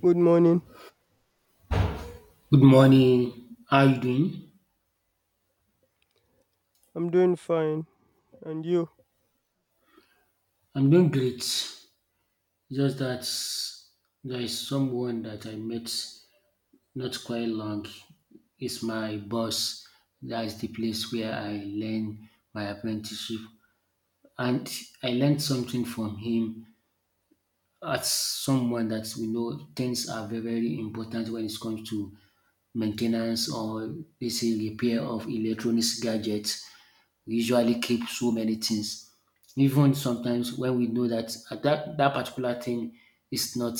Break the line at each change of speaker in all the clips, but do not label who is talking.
Good morning.
Good morning. How are you doing?
I'm doing fine. And you?
I'm doing great. Just that there is someone that I met not quite long. It's my boss. That's the place where I learn my apprenticeship. And I learned something from him as someone that we know things are very, very important when it comes to maintenance or basically repair of electronics gadgets. We usually keep so many things even sometimes when we know that at that particular thing is not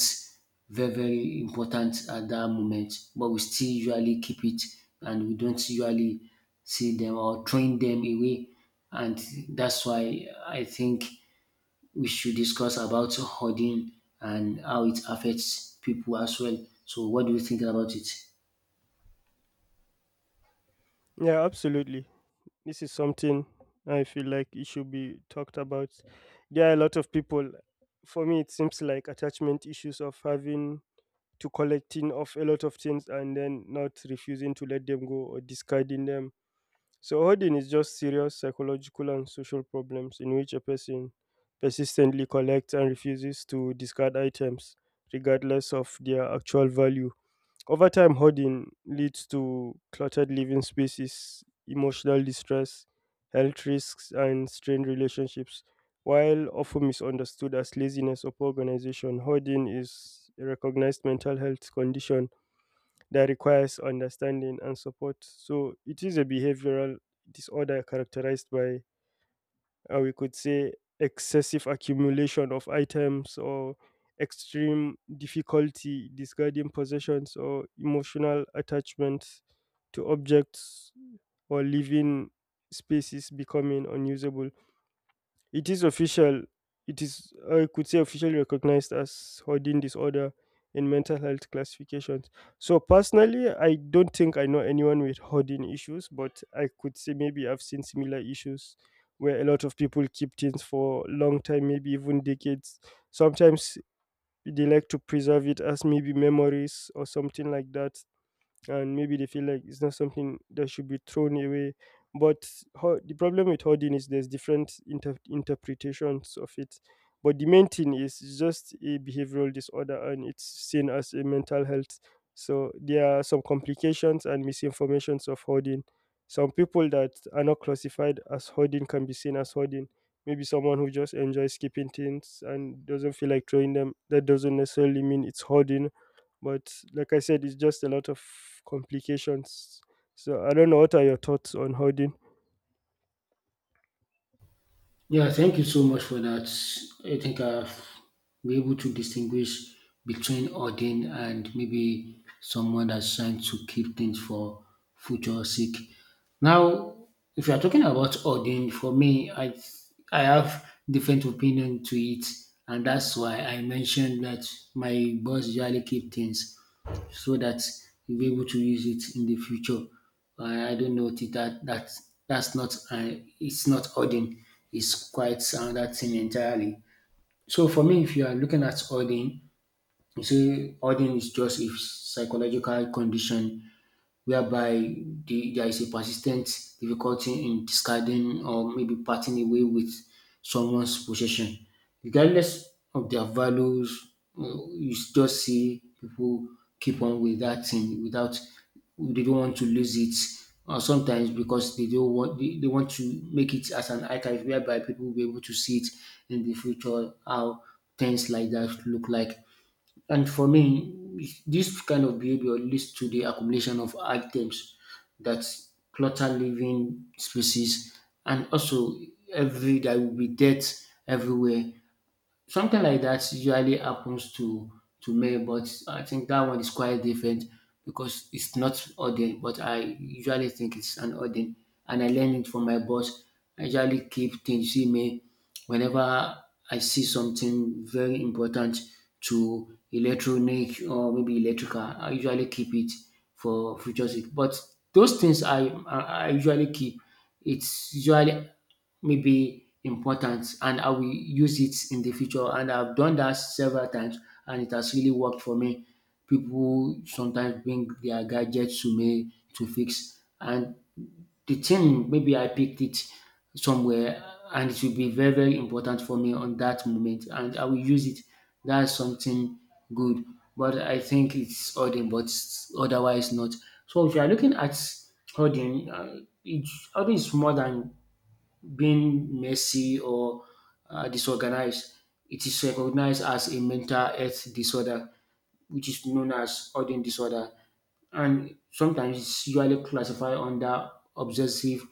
very very important at that moment, but we still usually keep it, and we don't usually see them or train them away. And that's why I think we should discuss about hoarding and how it affects people as well. So what do you think about it?
Yeah, absolutely. This is something I feel like it should be talked about. There are a lot of people, for me, it seems like attachment issues of having to collecting of a lot of things and then not refusing to let them go or discarding them. So, hoarding is just serious psychological and social problems in which a person persistently collects and refuses to discard items regardless of their actual value. Over time, hoarding leads to cluttered living spaces, emotional distress, health risks, and strained relationships. While often misunderstood as laziness or poor organization, hoarding is a recognized mental health condition that requires understanding and support. So it is a behavioral disorder characterized by, or we could say, excessive accumulation of items, or extreme difficulty discarding possessions, or emotional attachments to objects, or living spaces becoming unusable. It is official. It is, I could say, officially recognized as hoarding disorder in mental health classifications. So, personally, I don't think I know anyone with hoarding issues, but I could say maybe I've seen similar issues where a lot of people keep things for a long time, maybe even decades. Sometimes they like to preserve it as maybe memories or something like that, and maybe they feel like it's not something that should be thrown away. But the problem with hoarding is there's different interpretations of it. But the main thing is it's just a behavioral disorder and it's seen as a mental health. So there are some complications and misinformations of hoarding. Some people that are not classified as hoarding can be seen as hoarding. Maybe someone who just enjoys keeping things and doesn't feel like throwing them, that doesn't necessarily mean it's hoarding. But like I said, it's just a lot of complications. So I don't know, what are your thoughts on hoarding?
Yeah, thank you so much for that. I think I've been able to distinguish between ordained and maybe someone that's trying to keep things for future sake. Now, if you are talking about ordained, for me, I have different opinion to it, and that's why I mentioned that my boss usually keep things so that you'll be able to use it in the future. I don't know if that that's not it's not hoarding. It's quite another thing entirely. So for me, if you are looking at hoarding, you say hoarding is just a psychological condition whereby there is a persistent difficulty in discarding or maybe parting away with someone's possession. Regardless of their values, you just see people keep on with that thing without they don't want to lose it. Or sometimes because they don't want they want to make it as an archive whereby people will be able to see it in the future how things like that look like. And for me, this kind of behavior leads to the accumulation of items that clutter living spaces, and also every there will be debt everywhere. Something like that usually happens to men, but I think that one is quite different because it's not ordained. But I usually think it's an ordained, and I learned it from my boss. I usually keep things. You see me whenever I see something very important to electronic or maybe electrical, I usually keep it for future sake. But those things I usually keep. It's usually maybe important and I will use it in the future. And I've done that several times and it has really worked for me. People sometimes bring their gadgets to me to fix, and the thing maybe I picked it somewhere and it will be very, very important for me on that moment and I will use it. That's something good. But I think it's hoarding, but otherwise not. So if you are looking at hoarding, it, hoarding is more than being messy or disorganized. It is recognized as a mental health disorder, which is known as hoarding disorder, and sometimes it's usually classified under obsessive,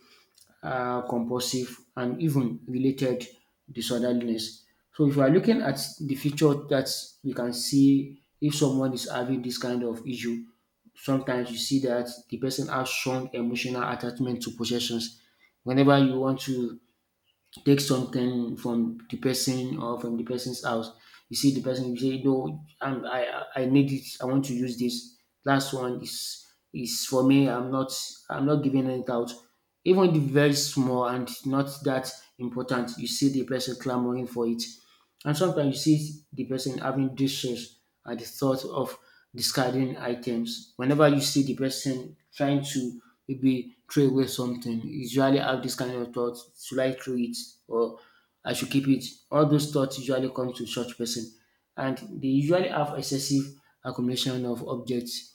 compulsive, and even related disorderliness. So, if we are looking at the future that we can see if someone is having this kind of issue, sometimes you see that the person has strong emotional attachment to possessions. Whenever you want to take something from the person or from the person's house. You see the person, you say, "No, I need it. I want to use this." Last one is for me. I'm not giving it out. Even the very small and not that important, you see the person clamoring for it. And sometimes you see the person having distress at the thought of discarding items. Whenever you see the person trying to maybe throw away something, you usually have this kind of thought, should I throw it or I should keep it? All those thoughts usually come to such person. And they usually have excessive accumulation of objects,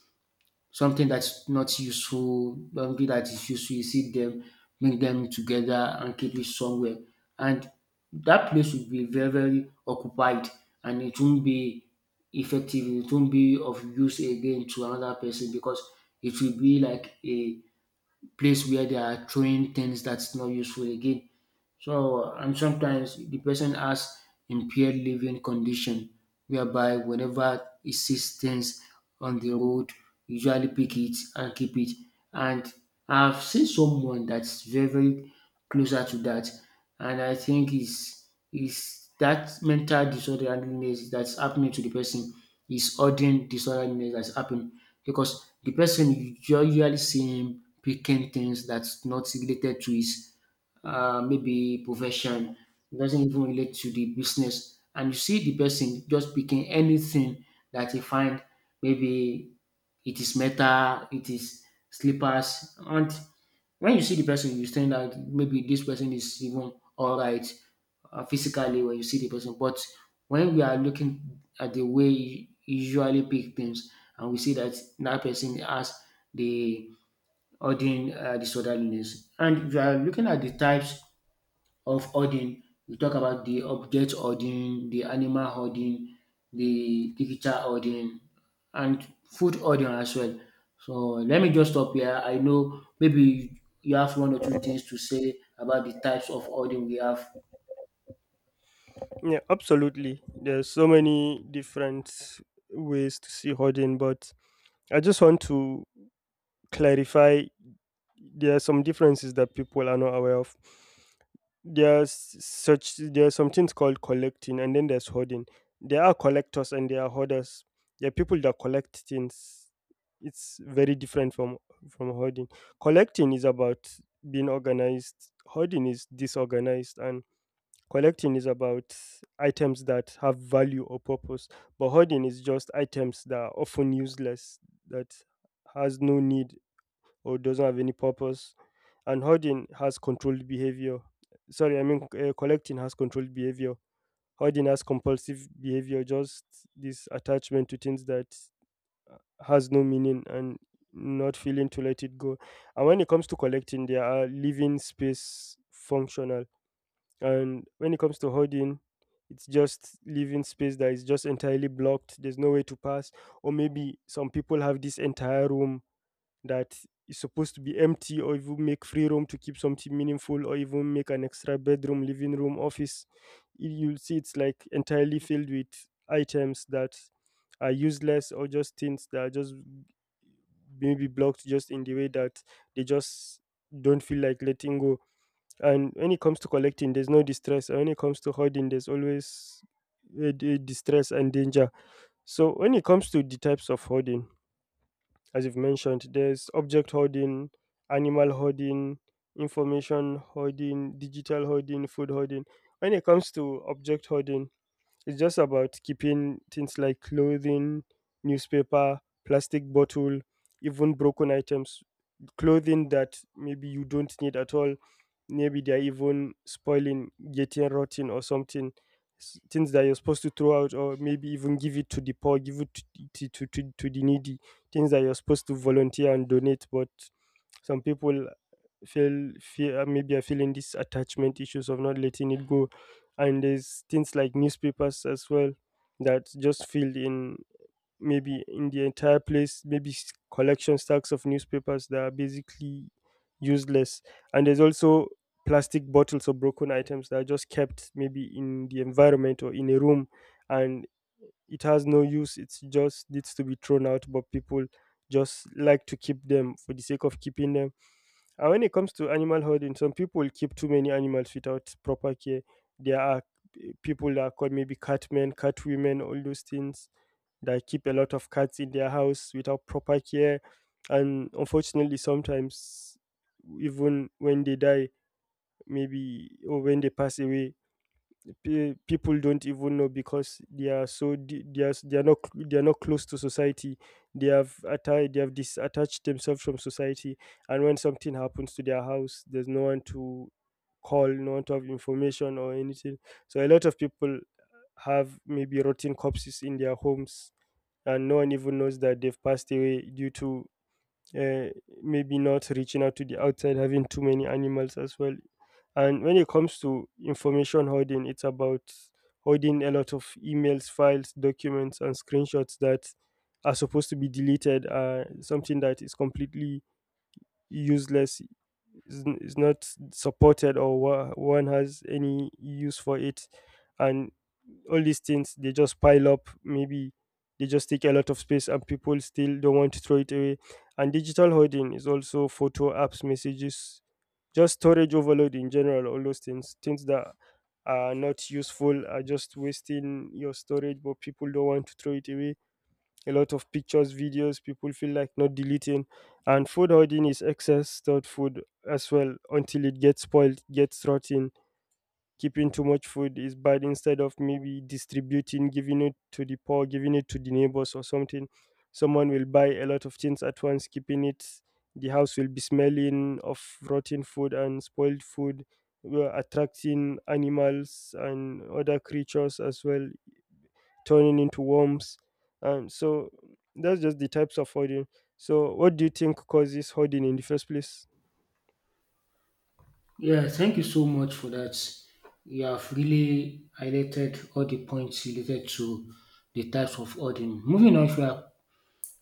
something that's not useful, something that is useful, you see them, bring them together and keep it somewhere. And that place will be very, very occupied and it won't be effective, it won't be of use again to another person because it will be like a place where they are throwing things that's not useful again. So, and sometimes the person has impaired living condition, whereby whenever he sees things on the road, usually pick it and keep it. And I've seen someone that's very, very closer to that, and I think is that mental disorderliness that's happening to the person is ordinary disorderliness that's happening because the person you usually see him picking things that's not related to his maybe profession, doesn't even relate to the business. And you see the person just picking anything that he find, maybe it is metal, it is slippers. And when you see the person, you think that maybe this person is even all right physically when you see the person. But when we are looking at the way he usually pick things, and we see that that person has the hoarding disorderliness. And if you are looking at the types of hoarding, we talk about the object hoarding, the animal hoarding, the digital hoarding, and food hoarding as well. So let me just stop here. I know maybe you have one or two things to say about the types of hoarding we have.
Yeah, absolutely. There's so many different ways to see hoarding, but I just want to clarify, there are some differences that people are not aware of. there's there's some things called collecting, and then there's hoarding. There are collectors and there are hoarders. There are people that collect things. It's very different from hoarding. Collecting is about being organized, hoarding is disorganized. And collecting is about items that have value or purpose, but hoarding is just items that are often useless, that has no need or doesn't have any purpose. And hoarding has controlled behavior. Sorry, I mean, collecting has controlled behavior. Hoarding has compulsive behavior, just this attachment to things that has no meaning and not feeling to let it go. And when it comes to collecting, they are living space functional. And when it comes to hoarding, it's just living space that is just entirely blocked. There's no way to pass. Or maybe some people have this entire room that is supposed to be empty, or even make free room to keep something meaningful, or even make an extra bedroom, living room, office. You'll see it's like entirely filled with items that are useless, or just things that are just maybe blocked just in the way that they just don't feel like letting go. And when it comes to collecting, there's no distress. And when it comes to hoarding, there's always distress and danger. So when it comes to the types of hoarding, as you've mentioned, there's object hoarding, animal hoarding, information hoarding, digital hoarding, food hoarding. When it comes to object hoarding, it's just about keeping things like clothing, newspaper, plastic bottle, even broken items, clothing that maybe you don't need at all, maybe they're even spoiling, getting rotten or something. Things that you're supposed to throw out, or maybe even give it to the poor, give it to the needy, things that you're supposed to volunteer and donate. But some people feel feel maybe are feeling these attachment issues of not letting it go. And there's things like newspapers as well, that just filled in maybe in the entire place, maybe collection stacks of newspapers that are basically useless. And there's also plastic bottles or broken items that are just kept maybe in the environment or in a room, and it has no use. It just needs to be thrown out, but people just like to keep them for the sake of keeping them. And when it comes to animal hoarding, some people keep too many animals without proper care. There are people that are called maybe cat men, cat women, all those things, that keep a lot of cats in their house without proper care. And unfortunately, sometimes even when they die, maybe, or when they pass away, people don't even know because they are not close to society. They have disattached themselves from society. And when something happens to their house, there's no one to call, no one to have information or anything. So a lot of people have maybe rotten corpses in their homes, and no one even knows that they've passed away due to, uh, maybe not reaching out to the outside, having too many animals as well. And when it comes to information hoarding, it's about hoarding a lot of emails, files, documents, and screenshots that are supposed to be deleted. Something that is completely useless is not supported, or one has any use for it. And all these things, they just pile up, maybe they just take a lot of space, and people still don't want to throw it away. And digital hoarding is also photo apps, messages, just storage overload in general, all those things that are not useful are just wasting your storage. But people don't want to throw it away. A lot of pictures, videos, people feel like not deleting. And food hoarding is excess stored food as well, until it gets spoiled, gets rotten. Keeping too much food is bad, instead of maybe distributing, giving it to the poor, giving it to the neighbors or something. Someone will buy a lot of things at once, keeping it. The house will be smelling of rotten food and spoiled food. We are attracting animals and other creatures as well, turning into worms. And so that's just the types of hoarding. So, what do you think causes hoarding in the first place?
Yeah, thank you so much for that. You have really highlighted all the points related to the types of hoarding. Moving on, if you are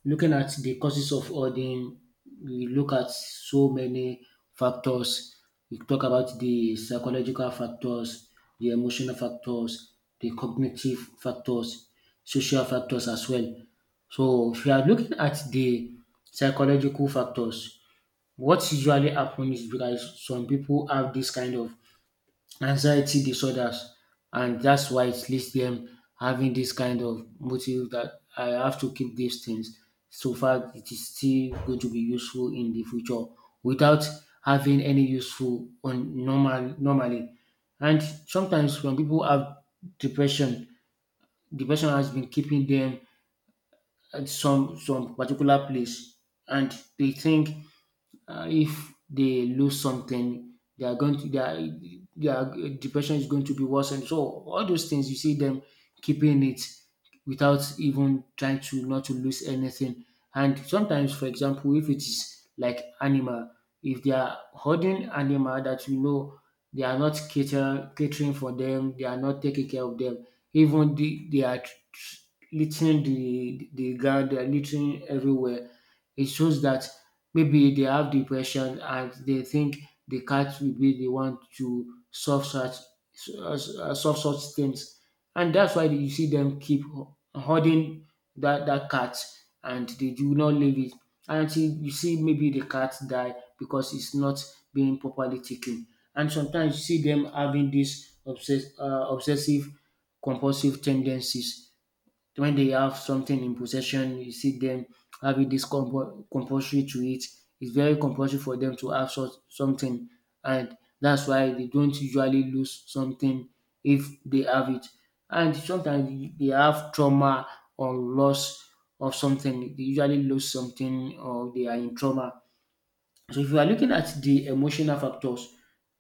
looking at the causes of all we look at so many factors. We talk about the psychological factors, the emotional factors, the cognitive factors, social factors as well. So if you are looking at the psychological factors, what usually happens is because some people have this kind of anxiety disorders, and that's why it leads them having this kind of motive that I have to keep these things so far it is still going to be useful in the future without having any useful on normal normally. And sometimes when people have depression, depression has been keeping them at some particular place, and they think if they lose something they are going to their depression is going to be worsened. So all those things you see them keeping it without even trying to not to lose anything. And sometimes for example if it is like animal, if they are holding animal that you know they are not catering for them, they are not taking care of them, even they are littering the ground, they are littering everywhere. It shows that maybe they have depression and they think the cat will be the one to uh, solve such things. And that's why you see them keep hoarding that cat, and they do not leave it until you see maybe the cat die because it's not being properly taken. And sometimes you see them having this obsessive compulsive tendencies. When they have something in possession, you see them having this compulsory to it. It's very compulsory for them to have such something, and that's why they don't usually lose something if they have it. And sometimes they have trauma or loss of something. They usually lose something or they are in trauma. So if you are looking at the emotional factors,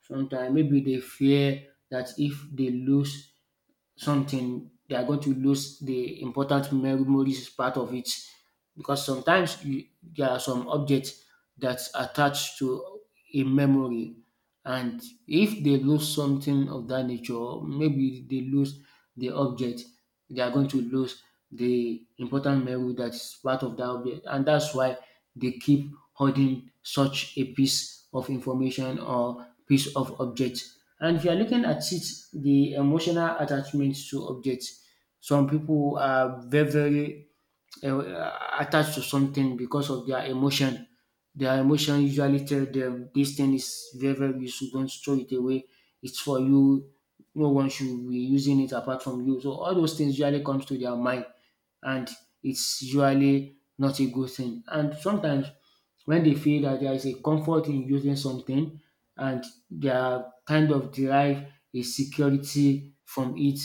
sometimes maybe they fear that if they lose something, they are going to lose the important memories part of it, because sometimes there are some objects that attach to a memory, and if they lose something of that nature or maybe they lose the object, they are going to lose the important memory that is part of that object. And that's why they keep holding such a piece of information or piece of object. And if you're looking at it, the emotional attachment to objects, some people are very, very attached to something because of their emotion. Their emotion usually tell them this thing is very very useful. Don't throw it away. It's for you. No one should be using it apart from you. So all those things usually comes to their mind, and it's usually not a good thing. And sometimes when they feel that there is a comfort in using something, and they are kind of derive a security from it,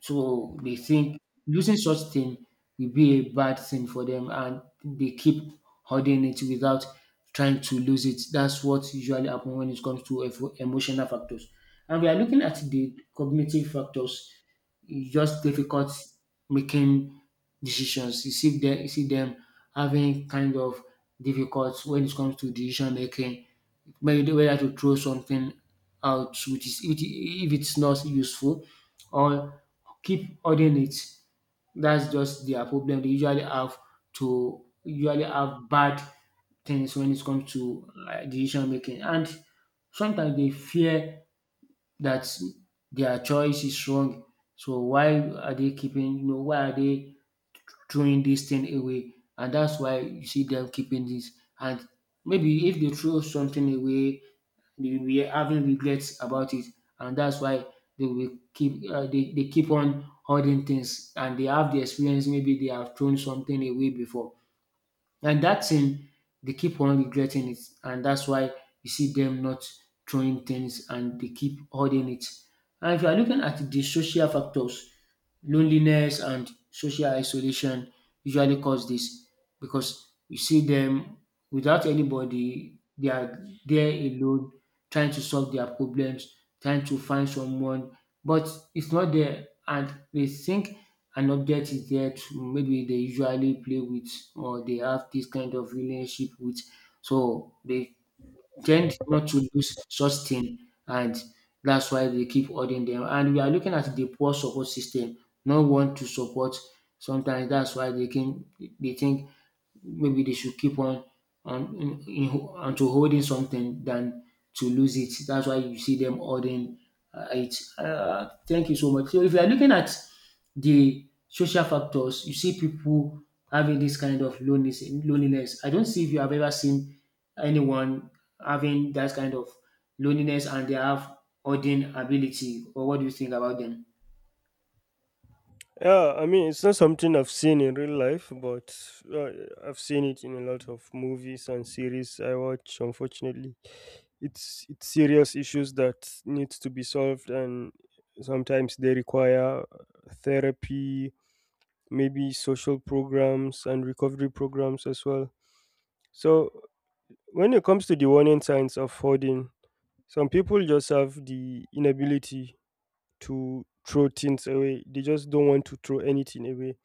so they think using such thing will be a bad thing for them and they keep holding it without trying to lose it. That's what usually happens when it comes to emotional factors. And we are looking at the cognitive factors, it's just difficult making decisions. You see them having kind of difficult when it comes to decision making, whether to throw something out which is which if it's not useful or keep hoarding it. That's just their problem. They usually have to usually have bad things when it comes to decision making, and sometimes they fear that their choice is wrong. So why are they keeping? You know, why are they throwing this thing away? And that's why you see them keeping this. And maybe if they throw something away, they will be having regrets about it, and that's why they will keep they keep on holding things, and they have the experience. Maybe they have thrown something away before. And that thing, they keep on regretting it. And that's why you see them not throwing things and they keep holding it. And if you are looking at the social factors, loneliness and social isolation usually cause this because you see them without anybody, they are there alone, trying to solve their problems, trying to find someone, but it's not there. And they think an object is there to maybe they usually play with or they have this kind of relationship with. So they tend not to lose such thing and that's why they keep holding them. And we are looking at the poor support system, no one to support. Sometimes that's why they can they think maybe they should keep on on in, in, on holding something than to lose it. That's why you see them holding it. Thank you so much. So if you are looking at the social factors, you see people having this kind of loneliness. Loneliness. I don't see if you have ever seen anyone having that kind of loneliness and they have holding ability. Or what do you think about them?
Yeah, I mean, it's not something I've seen in real life, but uh, I've seen it in a lot of movies and series I watch, unfortunately. It's serious issues that needs to be solved. And sometimes they require therapy, maybe social programs and recovery programs as well. So when it comes to the warning signs of hoarding, some people just have the inability to throw things away. They just don't want to throw anything away,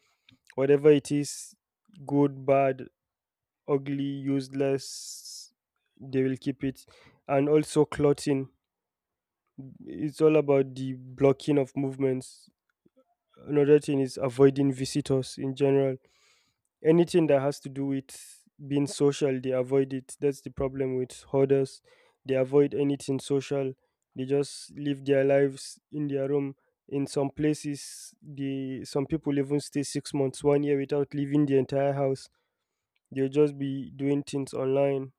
whatever it is, good, bad, ugly, useless, they will keep it. And also clothing. It's all about the blocking of movements. Another thing is avoiding visitors in general. Anything that has to do with being social, they avoid it. That's the problem with hoarders. They avoid anything social. They just live their lives in their room. In some places, the some people even stay 6 months, 1 year without leaving the entire house. They'll just be doing things online,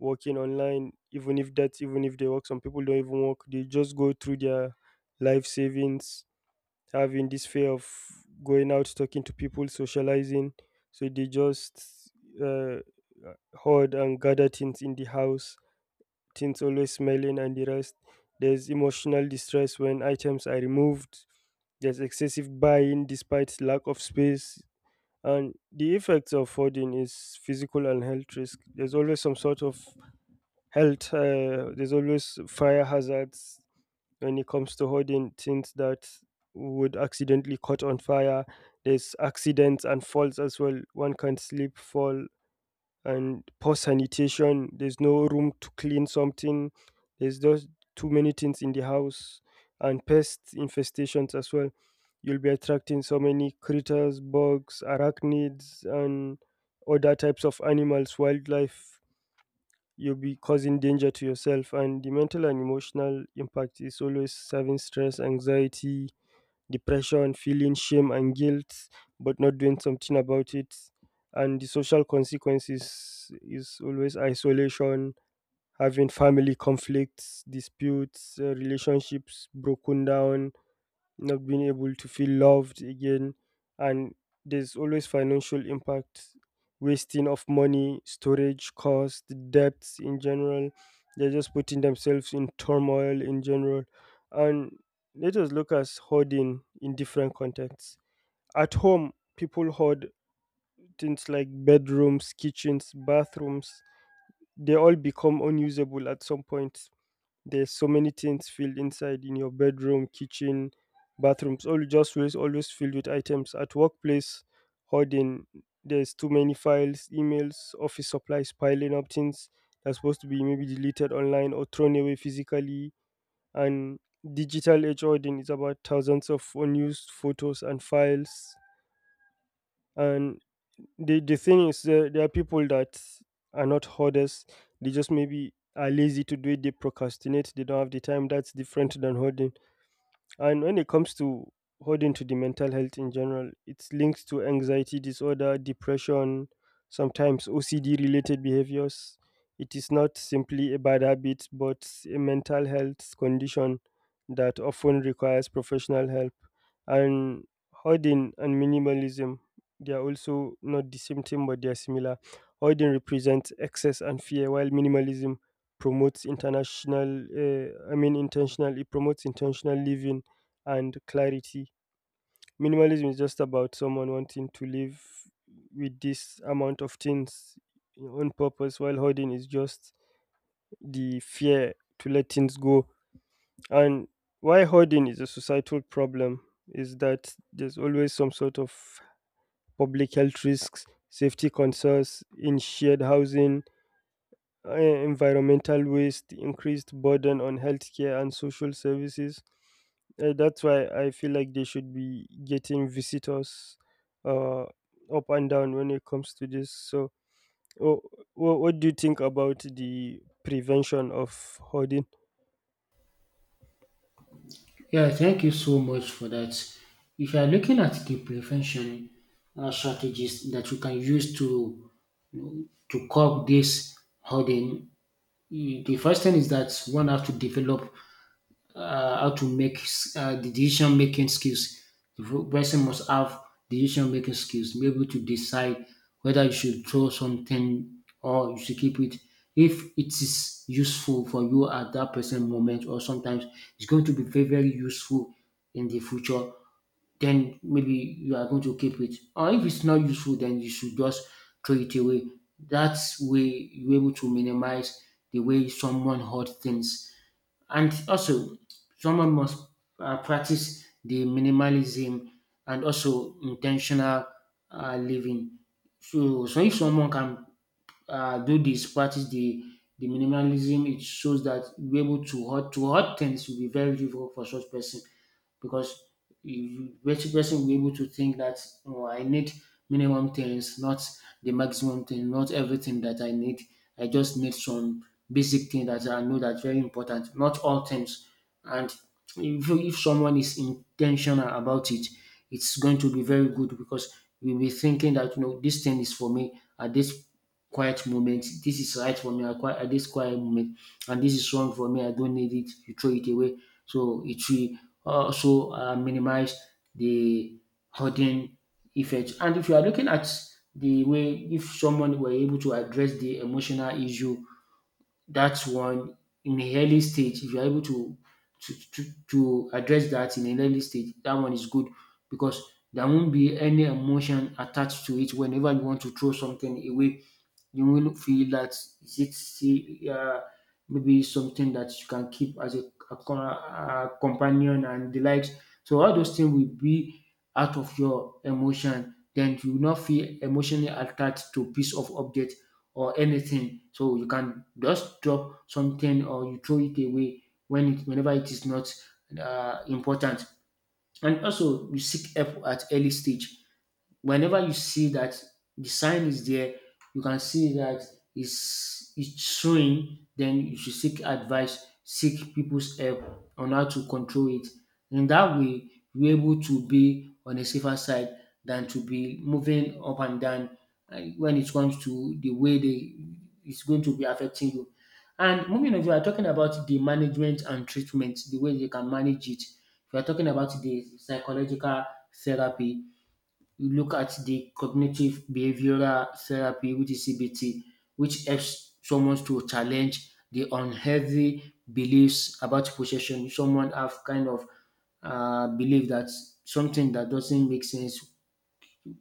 working online, even if they work. Some people don't even work, they just go through their life savings, having this fear of going out, talking to people, socializing. So they just uh, hoard and gather things in the house, things always smelling and the rest. There's emotional distress when items are removed, there's excessive buying despite lack of space. And the effects of hoarding is physical and health risk. There's always some sort of health there's always fire hazards when it comes to holding things that would accidentally caught on fire. There's accidents and falls as well, one can slip, fall. And poor sanitation, there's no room to clean something, there's just too many things in the house. And pest infestations as well, you'll be attracting so many critters, bugs, arachnids, and other types of animals, wildlife. You'll be causing danger to yourself. And the mental and emotional impact is always serving stress, anxiety, depression, feeling shame and guilt, but not doing something about it. And the social consequences is always isolation, having family conflicts, disputes, relationships broken down, not being able to feel loved again. And there's always financial impact, wasting of money, storage cost, debts in general. They're just putting themselves in turmoil in general. And let us look at hoarding in different contexts. At home, people hoard things like bedrooms, kitchens, bathrooms. They all become unusable at some point. There's so many things filled inside, in your bedroom, kitchen, bathrooms, all just always filled with items. At workplace, hoarding, there's too many files, emails, office supplies piling up, things that's supposed to be maybe deleted online or thrown away physically. And digital age hoarding is about thousands of unused photos and files. And the thing is, there are people that are not hoarders, they just maybe are lazy to do it, they procrastinate, they don't have the time, that's different than hoarding. And when it comes to holding to the mental health in general, it's linked to anxiety disorder, depression, sometimes OCD related behaviors. It is not simply a bad habit, but a mental health condition that often requires professional help. And hoarding and minimalism, they are also not the same thing, but they are similar. Hoarding represents excess and fear, while minimalism promotes international, I mean, intentional, it promotes intentional living and clarity. Minimalism is just about someone wanting to live with this amount of things on purpose, while hoarding is just the fear to let things go. And why hoarding is a societal problem is that there's always some sort of public health risks, safety concerns in shared housing, environmental waste, increased burden on healthcare and social services. That's why I feel like they should be getting visitors up and down when it comes to this. So, wh- what do you think about the prevention of hoarding?
Yeah, thank you so much for that. If you are looking at the prevention strategies that you can use to you know, to curb this hoarding, eh, the first thing is that one has to develop how to make the decision making skills. The person must have decision making skills, be able to decide whether you should throw something or you should keep it. If it is useful for you at that present moment, or sometimes it's going to be very, very useful in the future, then maybe you are going to keep it. Or if it's not useful, then you should just throw it away. That way, you're able to minimize the way someone hurt things and also, someone must practice the minimalism and also intentional living. So, if someone can do this, practice the minimalism, it shows that we're able to hurt things will be very difficult for such person because you person person will be able to think that oh, I need minimum things, not the maximum thing, not everything that I need. I just need some basic thing that I know that's very important, not all things. And if someone is intentional about it, it's going to be very good because you'll be thinking that you know this thing is for me at this quiet moment. This is right for me at at this quiet moment, and this is wrong for me. I don't need it. You throw it away. So it will also minimize the hurting effect. And if you are looking at the way if someone were able to address the emotional issue, that's one in the early stage. If you are able to to, to, to address that in an early stage, that one is good because there won't be any emotion attached to it whenever you want to throw something away you will feel that is it see, maybe something that you can keep as a companion and the likes. So all those things will be out of your emotion. Then you will not feel emotionally attached to piece of object or anything. So you can just drop something or you throw it away whenever it is not important. And also, you seek help at early stage whenever you see that the sign is there, you can see that it's showing, then you should seek advice, seek people's help on how to control it. In that way, you're able to be on a safer side than to be moving up and down when it comes to the way they it's going to be affecting you. And moving on, we are talking about the management and treatment, the way they can manage it. We are talking about the psychological therapy you look at the cognitive behavioral therapy, which is CBT, which helps someone to challenge the unhealthy beliefs about possession. Someone have kind of belief that something that doesn't make sense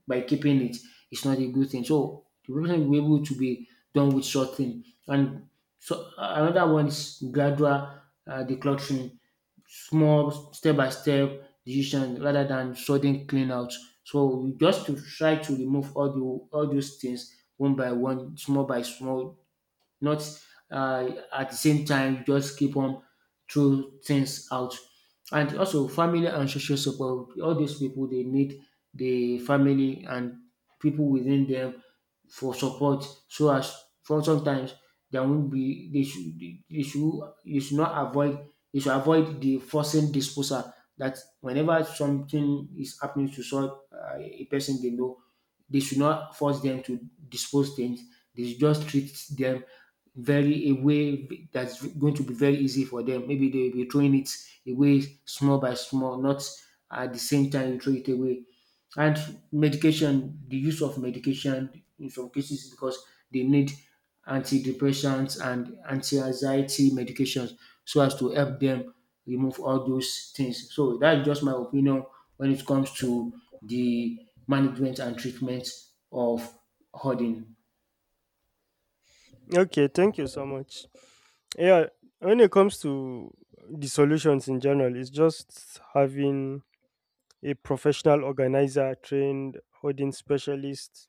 by keeping it is not a good thing. So the person will be able to be done with short thing. And so another one is gradual decluttering small step by step decision rather than sudden clean out. So we just to try to remove all those things one by one, small by small not at the same time you just keep on throw things out. And also family and social support. All these people they need the family and people within them for support. So as for sometimes there won't be they should you should not avoid you should avoid the forcing disposal that whenever something is happening to so a person they know they should not force them to dispose things. They should just treat them very a way that's going to be very easy for them. Maybe they will be throwing it away small by small, not at the same time you throw it away. And medication, the use of medication in some cases because they need antidepressants and anti-anxiety medications so as to help them remove all those things. So that's just my opinion when it comes to the management and treatment of hoarding.
Okay, thank you so much. Yeah, when it comes to the solutions in general, it's just having a professional organizer, trained hoarding specialist.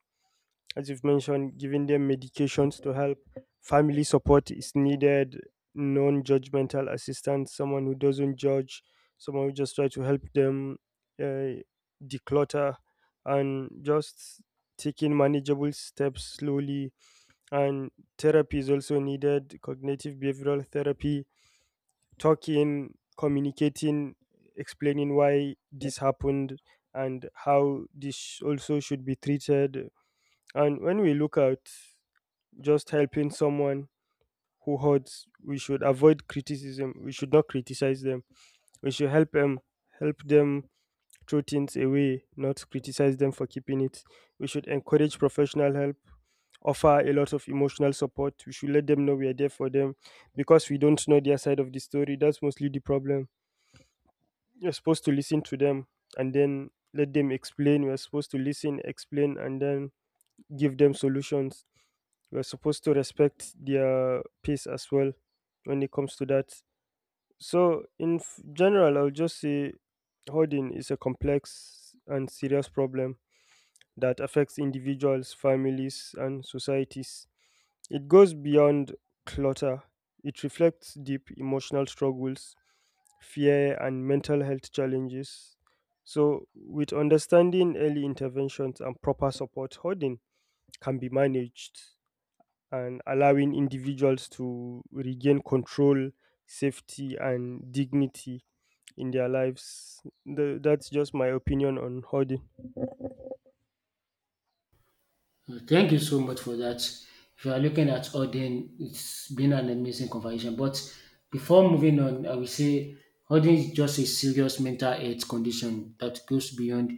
As you've mentioned, giving them medications to help, family support is needed, non judgmental assistance, someone who doesn't judge, someone who just try to help them uh, declutter, and just taking manageable steps slowly. And therapy is also needed, cognitive behavioral therapy, talking, communicating, explaining why this happened and how this also should be treated. And when we look at just helping someone who hurts, we should avoid criticism, we should not criticize them. We should help them throw things away, not criticize them for keeping it. We should encourage professional help, offer a lot of emotional support. We should let them know we are there for them, because we don't know their side of the story, that's mostly the problem. You're supposed to listen to them, and then let them explain. We're supposed to listen, explain, and then give them solutions. We're supposed to respect their pace as well when it comes to that. So, in general, I'll just say hoarding is a complex and serious problem that affects individuals, families, and societies. It goes beyond clutter, it reflects deep emotional struggles, fear, and mental health challenges. So, with understanding early interventions and proper support, hoarding can be managed, and allowing individuals to regain control, safety, and dignity in their lives. That's just my opinion on hoarding.
Thank you so much for that. If you are looking at Odin, it's been an amazing conversation. But before moving on, I will say Odin is just a serious mental health condition that goes beyond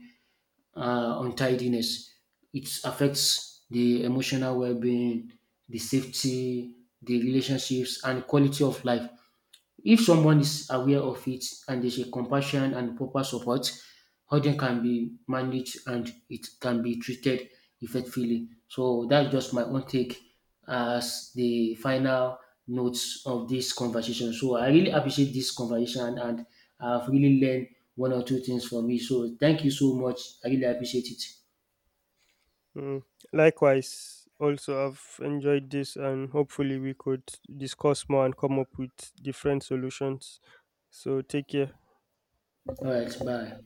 untidiness. It affects the emotional well being, the safety, the relationships, and quality of life. If someone is aware of it and there's a compassion and proper support, urgent can be managed and it can be treated effectively. So that's just my own take as the final notes of this conversation. So I really appreciate this conversation and I've really learned one or two things from it. So thank you so much. I really appreciate it.
Mm. Likewise, also, I've enjoyed this, and hopefully, we could discuss more and come up with different solutions. So, take care.
All right, bye.